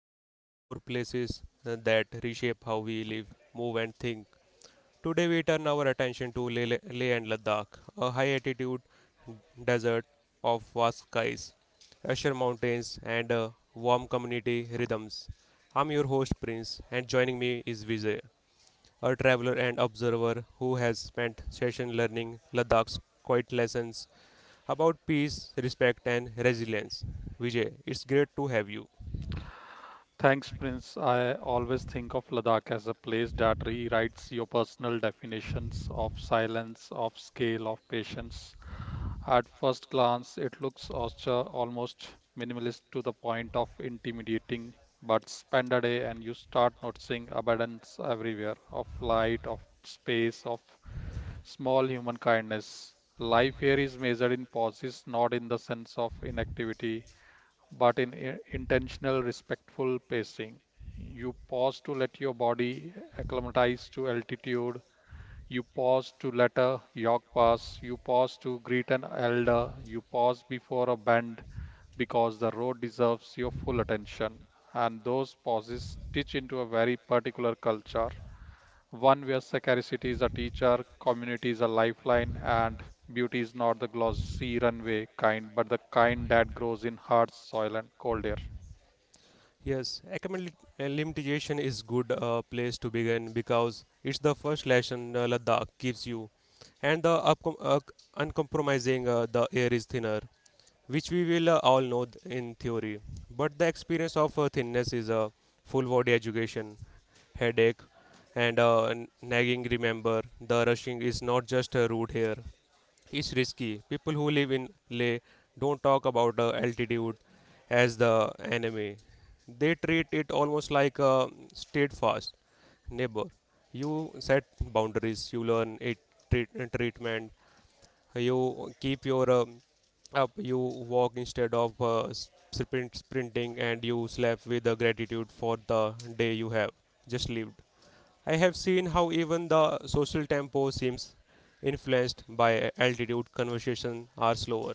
where we explore places that reshape how we live, move, and think. Today, we turn our attention to Leh and Ladakh, a high altitude desert of vast skies, Asher Mountains, and warm community rhythms. I'm your host, Prince, and joining me is Vijay, a traveler and observer who has spent session learning Ladakh's quiet lessons about peace, respect, and resilience. Vijay, it's great to have you. Thanks, Prince. I always think of Ladakh as a place that rewrites your personal definitions of silence, of scale, of patience. At first glance, it looks austere, almost minimalist to the point of intimidating, but spend a day and you start noticing abundance everywhere of light, of space, of small human kindness. Life here is measured in pauses, not in the sense of inactivity, but in intentional, respectful pacing. You pause to let your body acclimatize to altitude. You pause to let a jog pass. You pause to greet an elder. You pause before a bend because the road deserves your full attention. And those pauses stitch into a very particular culture, one where scarcity is a teacher, community is a lifeline, and beauty is not the glossy runway kind, but the kind that grows in hard soil and cold air. Yes, acclimatization is good place to begin because it's the first lesson Ladakh gives you, and the uncompromising the air is thinner, which we will all know in theory. But the experience of thinness is a full body education, headache, and nagging. Remember, the rushing is not just a route here; is risky. People who live in Leh don't talk about altitude as the enemy. They treat it almost like a steadfast neighbor. You set boundaries, you learn it treat, treatment, you keep your up, you walk instead of sprinting, and you slap with the gratitude for the day you have just lived. I have seen how even the social tempo seems influenced by altitude. Conversations are slower.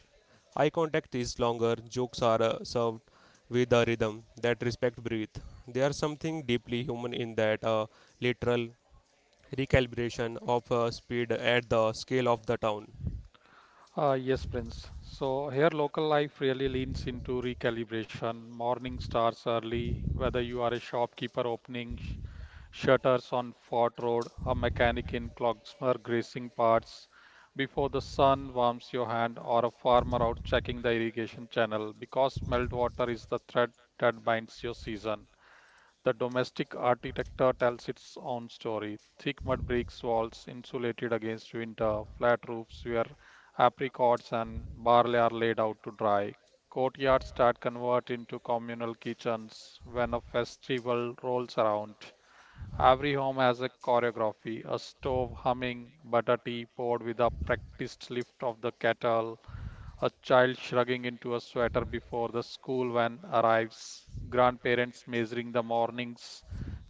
Eye contact is longer. Jokes are served with a rhythm that respect breathe. There is something deeply human in that literal recalibration of speed at the scale of the town. Yes, Prince. So here local life really leans into recalibration. Morning starts early, whether you are a shopkeeper opening shutters on Fort Road, a mechanic in Clogsmer greasing parts before the sun warms your hand, or a farmer out checking the irrigation channel because meltwater is the thread that binds your season. The domestic architecture tells its own story. Thick mud bricks walls insulated against winter, flat roofs where apricots and barley are laid out to dry. Courtyards that convert into communal kitchens when a festival rolls around. Every home has a choreography, a stove humming, butter tea poured with a practiced lift of the kettle, a child shrugging into a sweater before the school van arrives, grandparents measuring the mornings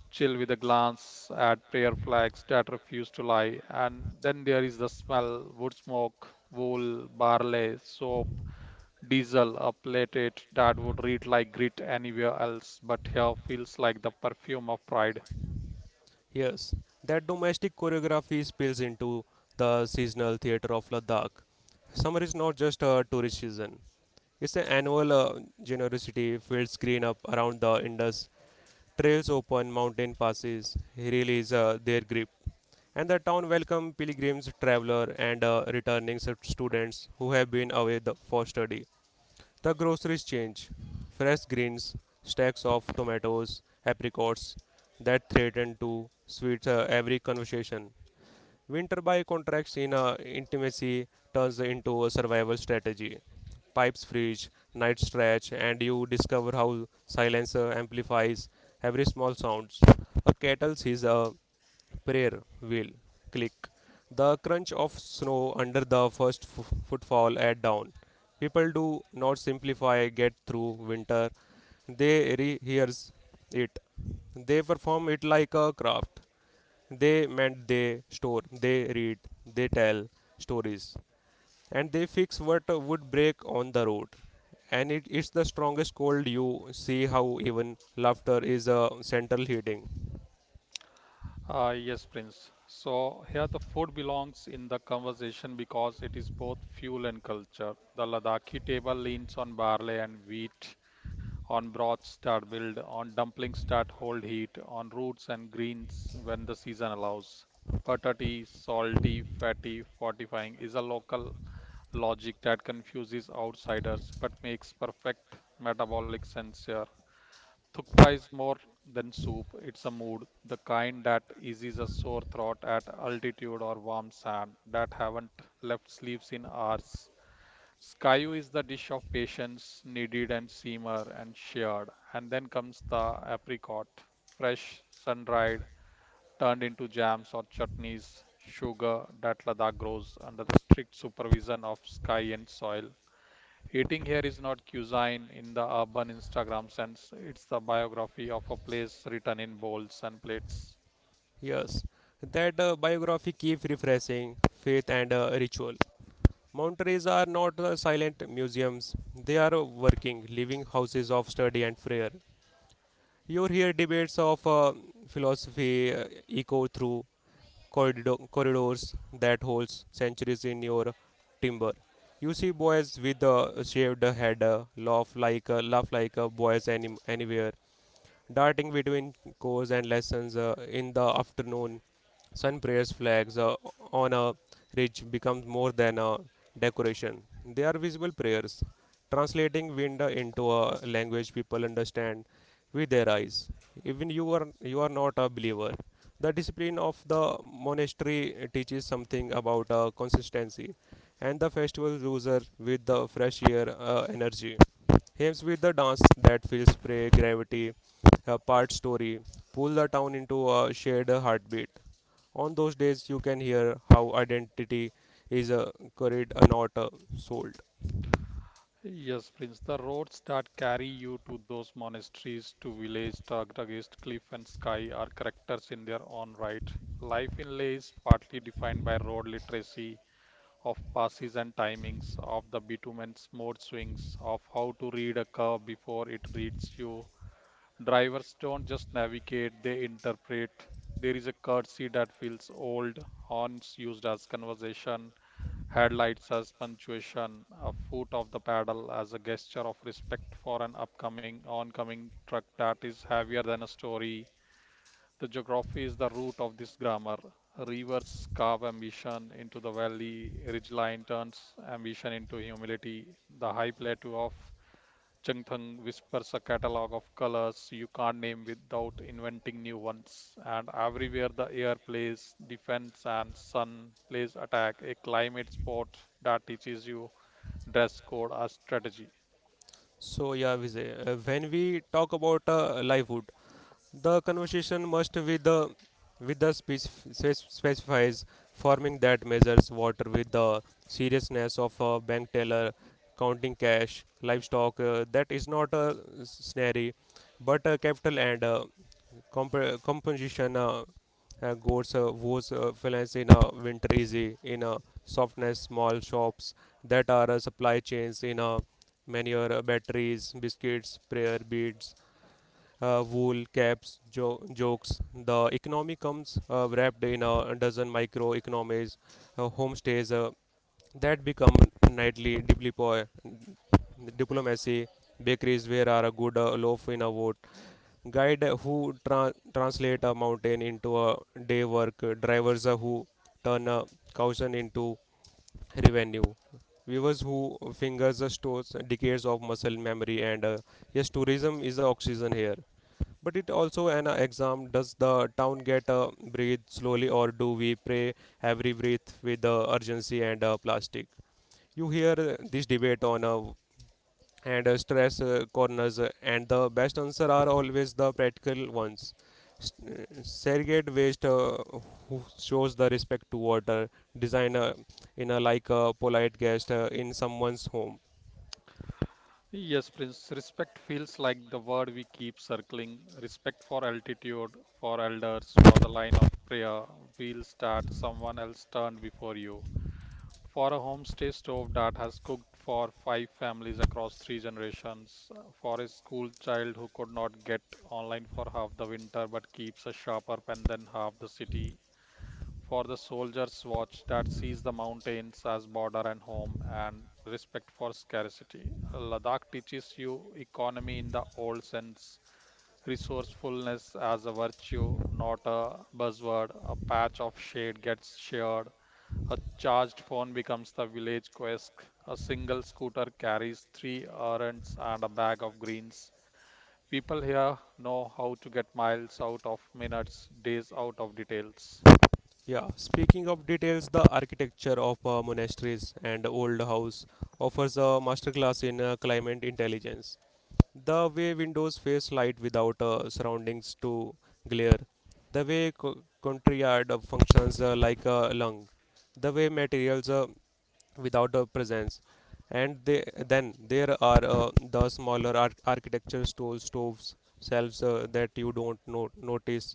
chill with a glance at prayer flags that refuse to lie. And then there is the smell wood smoke, wool, barley, soap, diesel, a plate it that would read like grit anywhere else, but here feels like the perfume of pride. Yes, that domestic choreography spills into the seasonal theatre of Ladakh. Summer is not just a tourist season. It's an annual generosity. Fields green up around the Indus, trails open, mountain passes release their grip, and the town welcomes pilgrims, traveler, and returning stud- students who have been away for study. The groceries change. Fresh greens, stacks of tomatoes, apricots that threaten to sweeten every conversation. Winter by contracts in intimacy turns into a survival strategy. Pipes freeze, nights stretch, and you discover how silence amplifies every small sound. A kettle sees a prayer wheel. Click. The crunch of snow under the first footfall at dawn. People do not simplify get through winter. They rehearse it. They perform it like a craft. They mend, they store, they read, they tell stories, and they fix what would break on the road. And it is the strongest cold you see how even laughter is a central heating. Ah, yes, Prince. So here the food belongs in the conversation because it is both fuel and culture. The Ladakhi table leans on barley and wheat, on broths start build, on dumplings start hold heat, on roots and greens when the season allows. Buttery, salty, fatty, fortifying is a local logic that confuses outsiders but makes perfect metabolic sense here. Thukpa is more than soup, it's a mood, the kind that eases a sore throat at altitude or warm sand that haven't left sleeves in hours. Skyu is the dish of patience, kneaded and simmered and shared. And then comes the apricot, fresh, sun-dried, turned into jams or chutneys. Sugar that Ladakh grows under the strict supervision of sky and soil. Eating here is not cuisine in the urban Instagram sense. It's the biography of a place written in bowls and plates. Yes, that biography keep refreshing faith and ritual. Mountains are not silent museums; they are working, living houses of study and prayer. You hear debates of philosophy echo through corridors that holds centuries in your timber. You see boys with shaved head laugh like boys anywhere darting between course and lessons in the afternoon. Sun prayers flags on a ridge becomes more than a decoration. They are visible prayers, translating wind into a language people understand with their eyes. Even you are not a believer. The discipline of the monastery teaches something about consistency and the festival loser with the fresh air energy. Hymns with the dance that feels prey gravity, a part story, pull the town into a shared heartbeat. On those days, you can hear how identity is carried and not sold. Yes, Prince, the roads that carry you to those monasteries, to village tugged against cliff and sky are characters in their own right. Life in Leh is partly defined by road literacy, of passes and timings, of the bitumen's mode swings, of how to read a curve before it reads you. Drivers don't just navigate, they interpret. There is a courtesy that feels old, horns used as conversation, headlights as punctuation, a foot of the paddle as a gesture of respect for an upcoming oncoming truck that is heavier than a story. The geography is the root of this grammar. Rivers carve ambition into the valley, ridgeline turns ambition into humility. The high plateau of Cheng Thang whispers a catalog of colors you can't name without inventing new ones. And everywhere the air plays defense and sun plays attack, a climate sport that teaches you dress code as strategy. So yeah, Vijay, when we talk about livelihood, the conversation must with the specifies forming that measures water with the seriousness of a bank teller counting cash livestock that is not a snary but a capital and composition goes was finance in a winter easy in a softness small shops that are supply chains in a manure batteries biscuits prayer beads wool, caps, jokes. The economy comes wrapped in a dozen microeconomies, homestays that become nightly diplomacy, bakeries where are a good loaf in a vote, guide who translate a mountain into a day work, drivers who turn a caution into revenue. Viewers who fingers the stores decades of muscle memory and yes, tourism is the oxygen here. But it also an exam. Does the town get breathe slowly, or do we pray every breath with urgency and plastic? You hear this debate on and stress corners, and the best answer are always the practical ones. Segregate waste who shows the respect to water. Designer in a like a polite guest in someone's home. Yes, Prince, respect feels like the word we keep circling. Respect for altitude, for elders, for the line of prayer, wheels that someone else turned before you. For a homestay stove that has cooked for five families across three generations, for a school child who could not get online for half the winter but keeps a sharper pen than half the city, for the soldier's watch that sees the mountains as border and home, and respect for scarcity. Ladakh teaches you economy in the old sense, resourcefulness as a virtue, not a buzzword. A patch of shade gets shared, a charged phone becomes the village quest. A single scooter carries three errands and a bag of greens. People here know how to get miles out of minutes, days out of details. Yeah, speaking of details, the architecture of monasteries and old house offers a masterclass in climate intelligence, the way windows face light without surroundings to glare, the way courtyard functions like a lung, the way materials without a presence, and then there are the smaller architecture stoves shelves that you don't notice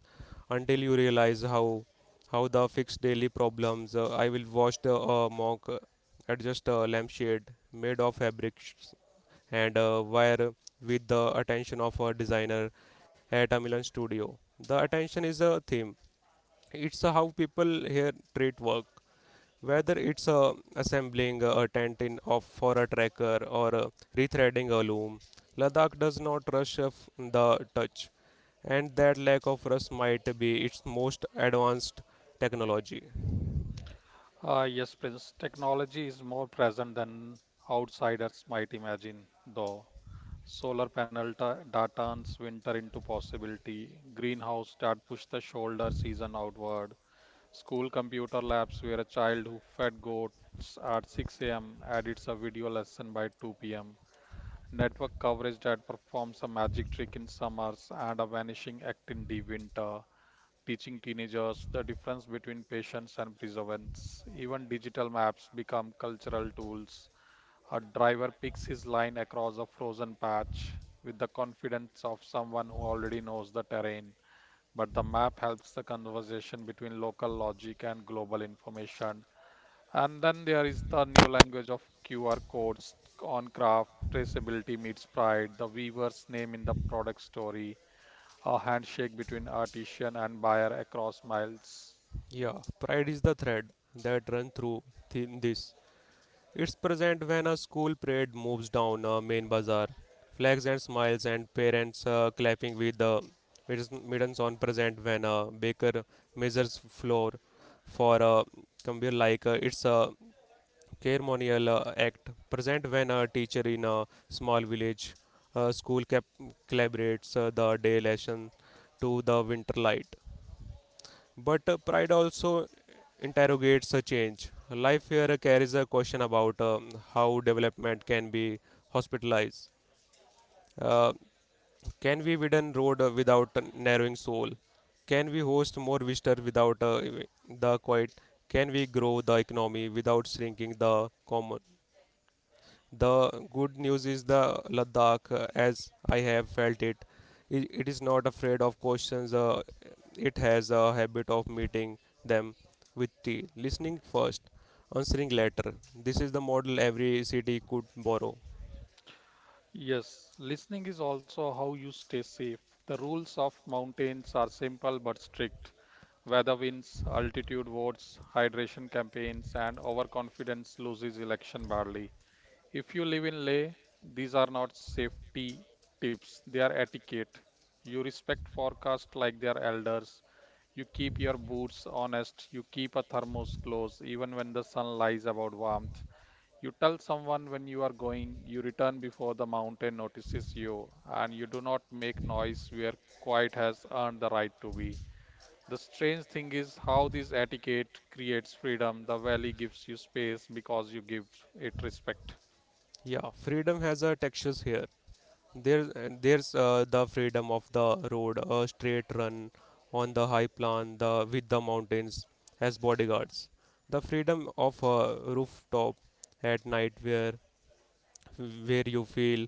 until you realize how the fixed daily problems. I will watch the monk adjust a lampshade made of fabric and wire with the attention of a designer at a Milan studio. The attention is a theme. It's how people here treat work, whether it's assembling a tent in of for a tracker or rethreading a loom. Ladakh does not rush of the touch, and that lack of rush might be its most advanced technology. Ah, yes, Prince, technology is more present than outsiders might imagine, though. Solar panel that turns winter into possibility, greenhouse that push the shoulder season outward, school computer labs where a child who fed goats at 6 a.m. edits a video lesson by 2 p.m. Network coverage that performs a magic trick in summers and a vanishing act in the winter. Teaching teenagers the difference between patience and perseverance. Even digital maps become cultural tools. A driver picks his line across a frozen patch with the confidence of someone who already knows the terrain but the map helps the conversation between local logic and global information. And then there is the new language of QR codes on craft, traceability meets pride, the weaver's name in the product story, a handshake between artisan and buyer across miles. Yeah, pride is the thread that run through thin this. It's present when a school parade moves down a main bazaar, flags and smiles and parents clapping with the middens on present when a baker measures flour for a conveyor like it's a ceremonial act present when a teacher in a small village school collaborates the day lesson to the winter light. But pride also interrogates a change. Life here carries a question about how development can be hospitalized. Uh, can we widen road without narrowing soul? Can we host more visitors without the quiet? Can we grow the economy without shrinking the common? The good news is the Ladakh, as I have felt it, it is not afraid of questions. It has a habit of meeting them with tea, listening first, answering later. This is the model every city could borrow. Yes, listening is also how you stay safe. The rules of mountains are simple but strict. Weather winds, altitude votes, hydration campaigns, and overconfidence loses election badly. If you live in Leh, these are not safety tips, they are etiquette. You respect forecasts like their elders. You keep your boots honest. You keep a thermos close even when the sun lies about warmth. You tell someone when you are going. You return before the mountain notices you. And you do not make noise where quiet has earned the right to be. The strange thing is how this etiquette creates freedom. The valley gives you space because you give it respect. Yeah, freedom has a textures here. There's the freedom of the road, a straight run on the high plan, the with the mountains as bodyguards. The freedom of a rooftop at night where you feel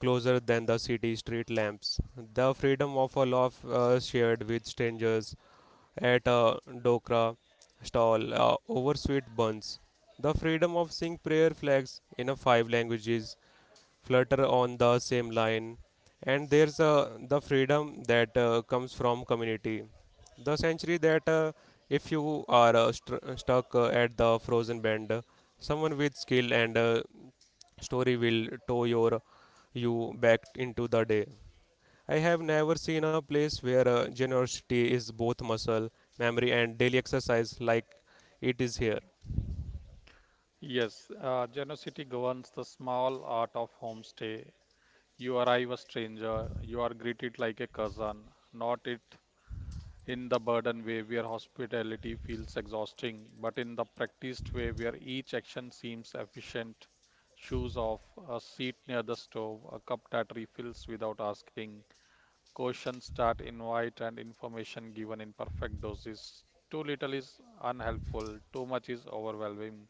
closer than the city street lamps. The freedom of a love shared with strangers at a dokra stall over sweet buns. The freedom of seeing prayer flags in a five languages flutter on the same line. And there's the freedom that comes from community. The century that if you are stuck at the frozen bend, someone with skill and Story will tow you back into the day. I have never seen a place where generosity is both muscle memory and daily exercise like it is here. Yes, Genocity governs the small art of homestay. You arrive a stranger, you are greeted like a cousin, not it in the burden way where hospitality feels exhausting, but in the practiced way where each action seems efficient. Shoes off, a seat near the stove, a cup that refills without asking, questions that invite and information given in perfect doses. Too little is unhelpful, too much is overwhelming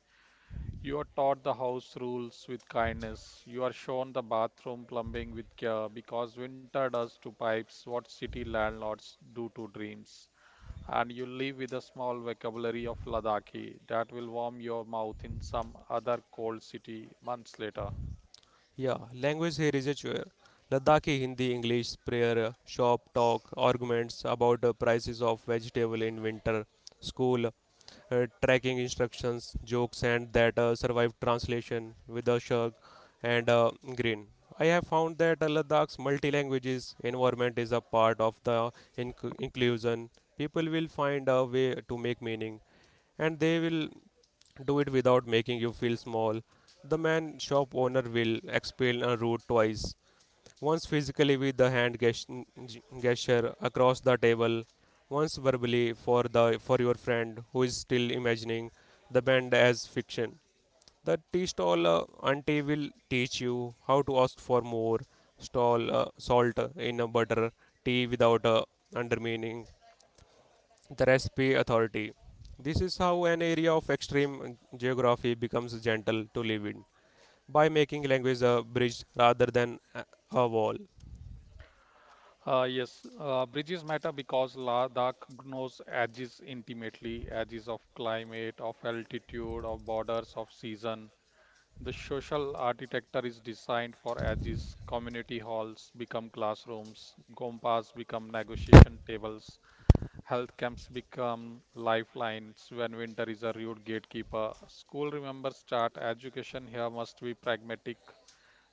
you are taught the house rules with kindness. You are shown the bathroom plumbing with care because winter does to pipes what city landlords do to dreams. And you live with a small vocabulary of Ladakhi that will warm your mouth in some other cold city months later. Yeah, language here is a chore. Ladakhi Hindi, English, prayer, shop talk, arguments about the prices of vegetable in winter, school, tracking instructions, jokes, and that survived translation with a shrug and a grin. I have found that Ladakh's multi-languages environment is a part of the inclusion. People will find a way to make meaning, and they will do it without making you feel small. The man shop owner will explain a route twice, once physically with the hand gesture across the table, once verbally for your friend who is still imagining the band as fiction. The tea stall auntie will teach you how to ask for more stall salt in a butter tea without undermining the recipe authority. This is how an area of extreme geography becomes gentle to live in by making language a bridge rather than a wall. Yes, Bridges matter because Ladakh knows edges intimately, edges of climate, of altitude, of borders, of season. The social architecture is designed for edges, community halls become classrooms, gompas become negotiation tables, health camps become lifelines when winter is a rude gatekeeper. School remembers start education here must be pragmatic.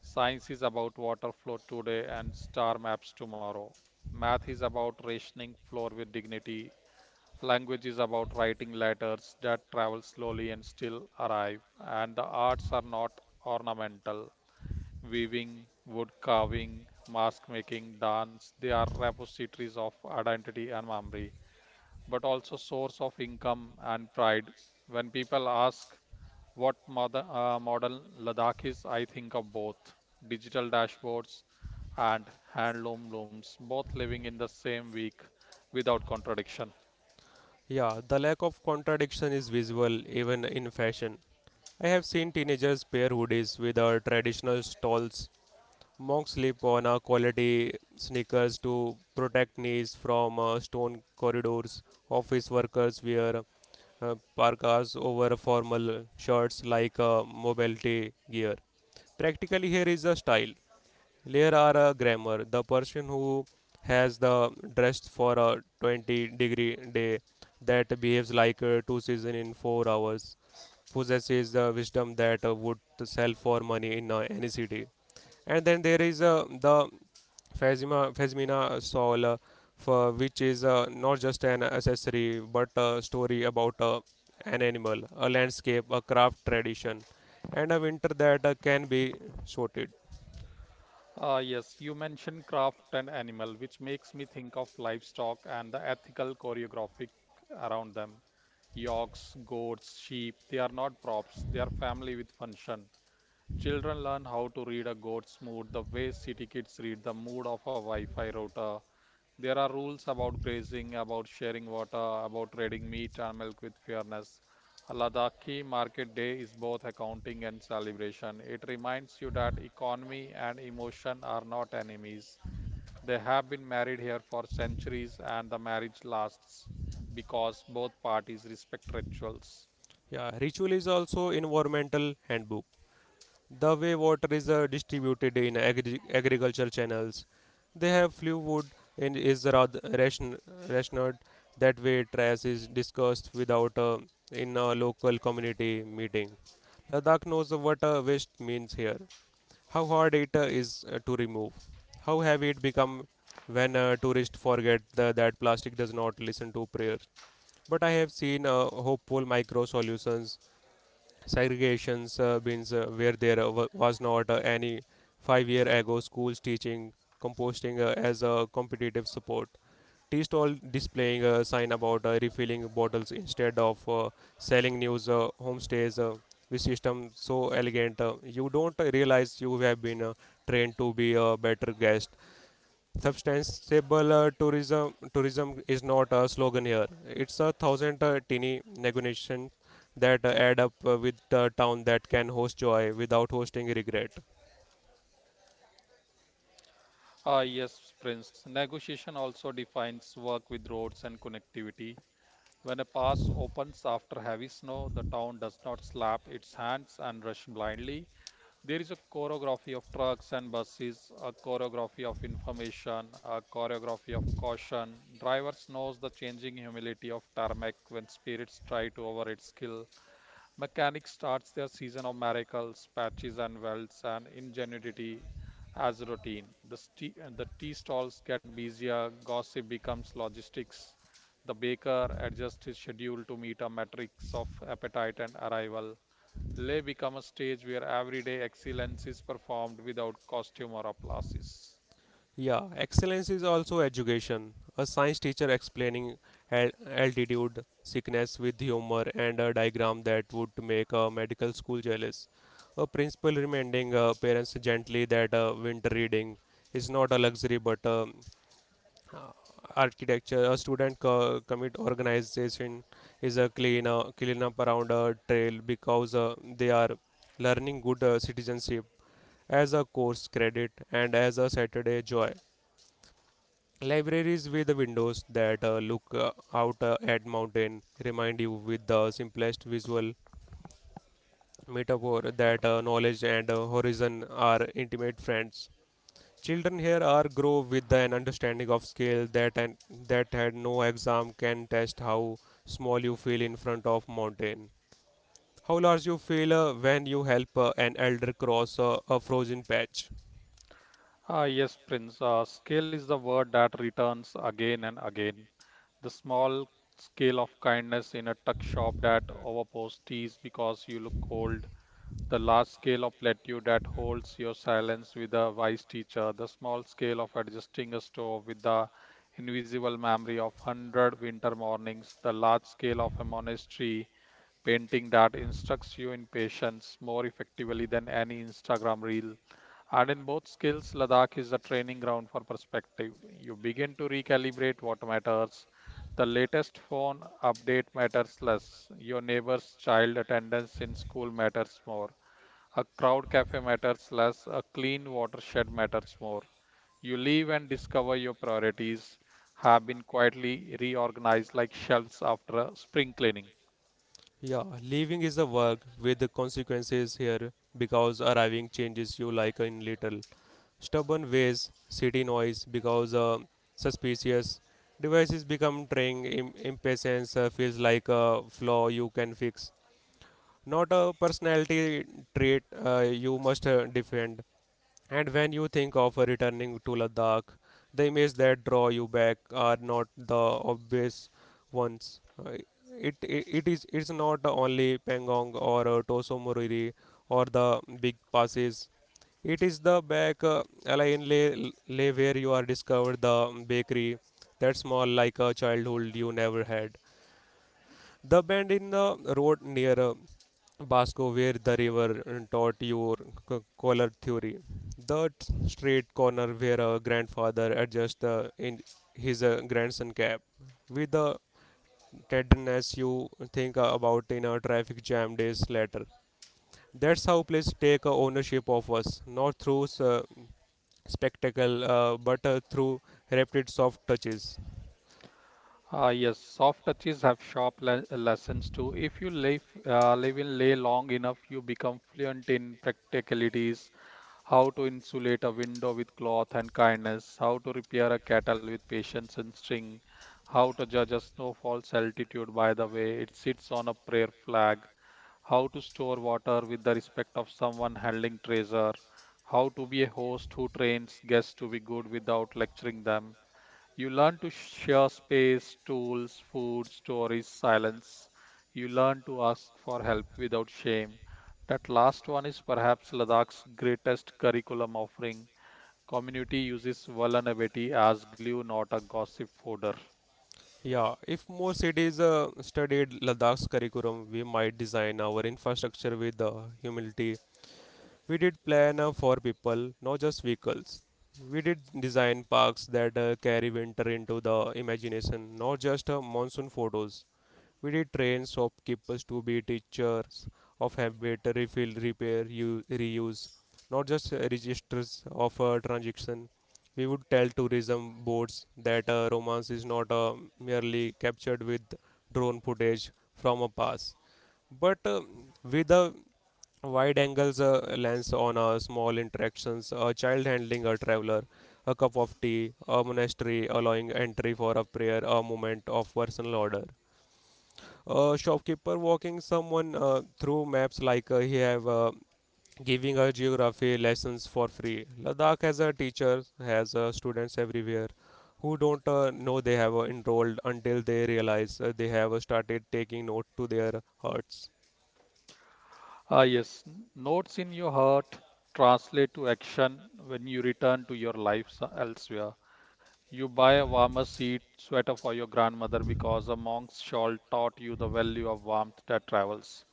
Science is about water flow today and star maps tomorrow. Math is about rationing floor with dignity. Language is about writing letters that travel slowly and still arrive, and the arts are not ornamental. Weaving, wood carving, mask making, dance, they are repositories of identity and memory, but also source of income and pride. When people ask what mother, modern Ladakh is, I think of both digital dashboards and handloom looms, both living in the same week without contradiction. Yeah, the lack of contradiction is visible even in fashion. I have seen teenagers pair hoodies with our traditional stalls, monks slip on our quality sneakers to protect knees from stone corridors, office workers wear parkas over formal shirts like mobility gear. Practically, here is a style, here are a grammar. The person who has the dressed for a 20-degree day that behaves like two seasons in 4 hours possesses the wisdom that would sell for money in any city. And then there is the Phasmina Saul, for which is not just an accessory but a story about an animal, a landscape, a craft tradition, and a winter that can be sorted. Yes, you mentioned craft and animal, which makes me think of livestock and the ethical choreographic around them. Yokes, goats, sheep, they are not props, they are family with function. Children learn how to read a goat's mood the way city kids read the mood of a Wi Fi router there are rules about grazing, about sharing water, about trading meat and milk with fairness. A Ladakhi market day is both accounting and celebration. It reminds you that economy and emotion are not enemies. They have been married here for centuries, and the marriage lasts because both parties respect rituals. Yeah, ritual is also environmental handbook. The way water is distributed in agricultural channels. They have few wood and is rather rationed that way trash is discussed without in a local community meeting. Ladakh knows what waste means here, how hard it is to remove, how heavy it become when tourists forget that plastic does not listen to prayers. But I have seen hopeful micro solutions, segregations bins where there was not any 5 years ago, schools teaching composting as a competitive support, tea stall displaying a sign about refilling bottles instead of selling news, homestays with system so elegant you don't realize you have been trained to be a better guest. Substantiable tourism is not a slogan here. It's a thousand teeny negotiation that add up with the town that can host joy without hosting regret. Ah, yes, Prince. Negotiation also defines work with roads and connectivity. When a pass opens after heavy snow, the town does not slap its hands and rush blindly. There is a choreography of trucks and buses, a choreography of information, a choreography of caution. Drivers knows the changing humility of tarmac when spirits try to over its skill. Mechanics starts their season of miracles, patches and welds, and ingenuity as routine. The tea stalls get busier, gossip becomes logistics. The baker adjusts his schedule to meet a matrix of appetite and arrival. Lay become a stage where everyday excellence is performed without costume or applauses. Yeah, excellence is also education. A science teacher explaining altitude sickness with humor and a diagram that would make a medical school jealous. A principal reminding parents gently that winter reading is not a luxury but a uh, architecture, a student commit organization is a clean up around a trail because they are learning good citizenship as a course credit and as a saturday joy, libraries with windows that look out at mountain remind you with the simplest visual metaphor that knowledge and horizon are intimate friends. Children here are grow with an understanding of scale that and that had no exam can test how small you feel in front of mountain. How large you feel when you help an elder cross a frozen patch. Ah, yes, Prince. Scale is the word that returns again and again. The small scale of kindness in a tuck shop that overpours teas because you look cold. The large scale of plateau that holds your silence with a wise teacher. The small scale of adjusting a stove with the invisible memory of hundred winter mornings. The large scale of a monastery painting that instructs you in patience more effectively than any Instagram reel. And in both skills, Ladakh is a training ground for perspective. You begin to recalibrate what matters. The latest phone update matters less. Your neighbor's child attendance in school matters more. A crowd cafe matters less. A clean watershed matters more. You leave and discover your priorities have been quietly reorganized like shelves after a spring cleaning. Yeah, leaving is a work with the consequences here because arriving changes you like in little. Stubborn ways, city noise because suspicious devices become trained. Impatience feels like a flaw you can fix, not a personality trait you must defend. And when you think of returning to Ladakh, the images that draw you back are not the obvious ones. It's not only Pangong or Toso Moriri or the big passes. It is the back lane lay, lay where you are discovered the bakery that small like a childhood you never had. The bend in the road near Basco, where the river taught your color theory. The straight corner where a grandfather adjusts in his grandson cap. With the tenderness you think about in a traffic jam days later. That's how places take ownership of us, not through spectacle, but through repeated soft touches. Ah, yes, soft touches have sharp lessons too. If you live in Leh long enough, you become fluent in practicalities, how to insulate a window with cloth and kindness, how to repair a kettle with patience and string, how to judge a snowfall's altitude by the way it sits on a prayer flag, how to store water with the respect of someone handling treasure, how to be a host who trains guests to be good without lecturing them you learn to share space, tools, food, stories, silence. You learn to ask for help without shame. That last one is perhaps Ladakh's greatest curriculum offering. Community uses vulnerability as glue, not a gossip folder. Yeah, if more cities studied Ladakh's curriculum, we might design our infrastructure with humility. We did plan for people, not just vehicles. We did design parks that carry winter into the imagination, not just monsoon photos. We did train shopkeepers to be teachers of habit, refill, repair, reuse, not just registers of a transaction. We would tell tourism boards that romance is not merely captured with drone footage from a pass, but with a wide angles lens on small interactions, a child handling a traveler, a cup of tea, a monastery allowing entry for a prayer, a moment of personal order, shopkeeper walking someone through maps like he have, giving a geography lessons for free. Ladakh has a teacher has students everywhere who don't know they have enrolled until they realize they have started taking note to their hearts. Ah, yes, notes in your heart translate to action when you return to your life elsewhere. You buy a warmer seat sweater for your grandmother because a monk's shawl taught you the value of warmth that travels.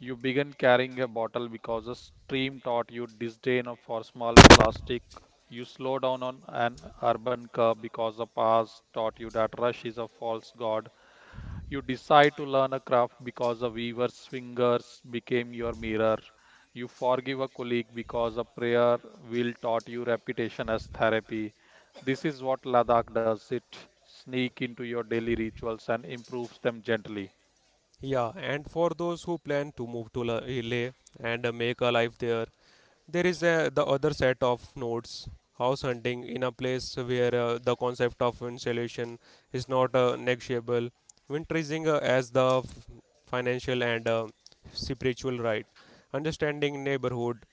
You began carrying a bottle because a stream taught you disdain for small plastic. You slow down on an urban curb because the past taught you that rush is a false god. You decide to learn a craft because a weaver's fingers became your mirror. You forgive a colleague because a prayer will taught you reputation as therapy. This is what Ladakh does it sneak into your daily rituals and improves them gently. Yeah, and for those who plan to move to leh and make a life there, there is the other set of nodes, house hunting in a place where the concept of insulation is not negotiable. Winterizing as the financial and spiritual right. Understanding neighborhood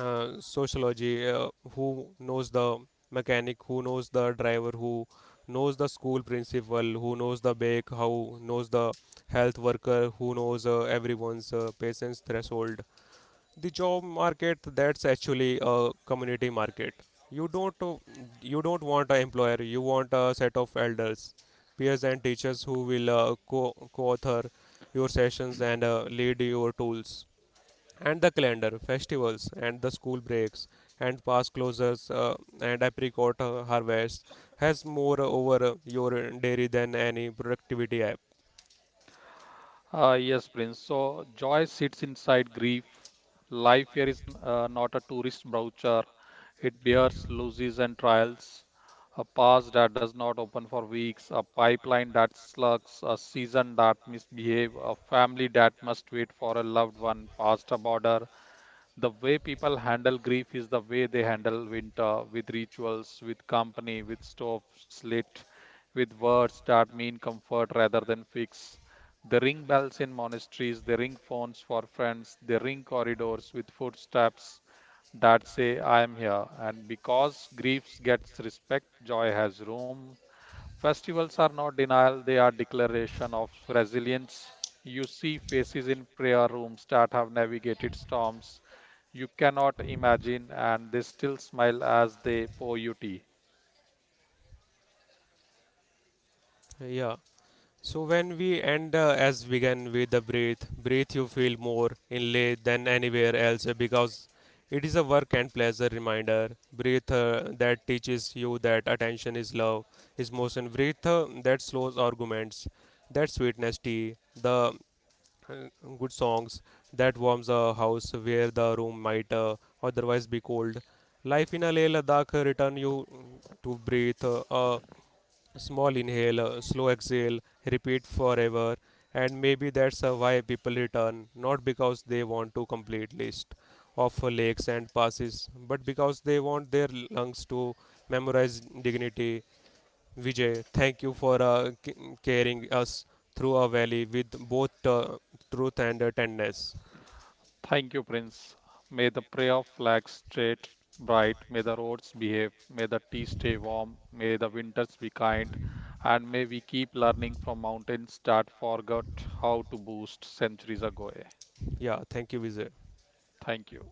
sociology, who knows the mechanic, who knows the driver, who knows the school principal, who knows the bake, how knows the health worker, who knows everyone's patient's threshold, the job market that's actually a community market. You don't uh, you don't want an employer, you want a set of elders, peers and teachers who will co-author your sessions and lead your tools, and the calendar festivals and the school breaks and past closures, and apricot harvest has more over your dairy than any productivity app. Yes, Prince. So joy sits inside grief. Life here is not a tourist brochure. It bears losses and trials. A past that does not open for weeks, a pipeline that slugs, a season that misbehave, a family that must wait for a loved one past a border, the way people handle grief is the way they handle winter with rituals, with company, with stoves lit, with words that mean comfort rather than fix. They ring bells in monasteries, they ring phones for friends, they ring corridors with footsteps that say, I am here. And because grief gets respect, joy has room. Festivals are not denial, they are declaration of resilience. You see faces in prayer rooms that have navigated storms you cannot imagine, and they still smile as they pour you tea. Yeah. So when we end as began with the breath, breath you feel more inlay than anywhere else because it is a work and pleasure reminder. Breath that teaches you that attention is love, is motion. Breath that slows arguments, that sweetness tea, the uh, good songs that warms a house where the room might otherwise be cold. Life in a Leh Ladakh return you to breathe. Small inhale, slow exhale, repeat forever, and maybe that's why people return, not because they want to complete list of legs and passes, but because they want their lungs to memorize dignity. Vijay, thank you for carrying us through a valley with both truth and tenderness. Thank you, Prince. May the prayer flag straight bright, may the roads behave, may the tea stay warm, may the winters be kind, and may we keep learning from mountains that forgot how to boost centuries ago. Yeah, thank you, Vijay. Thank you.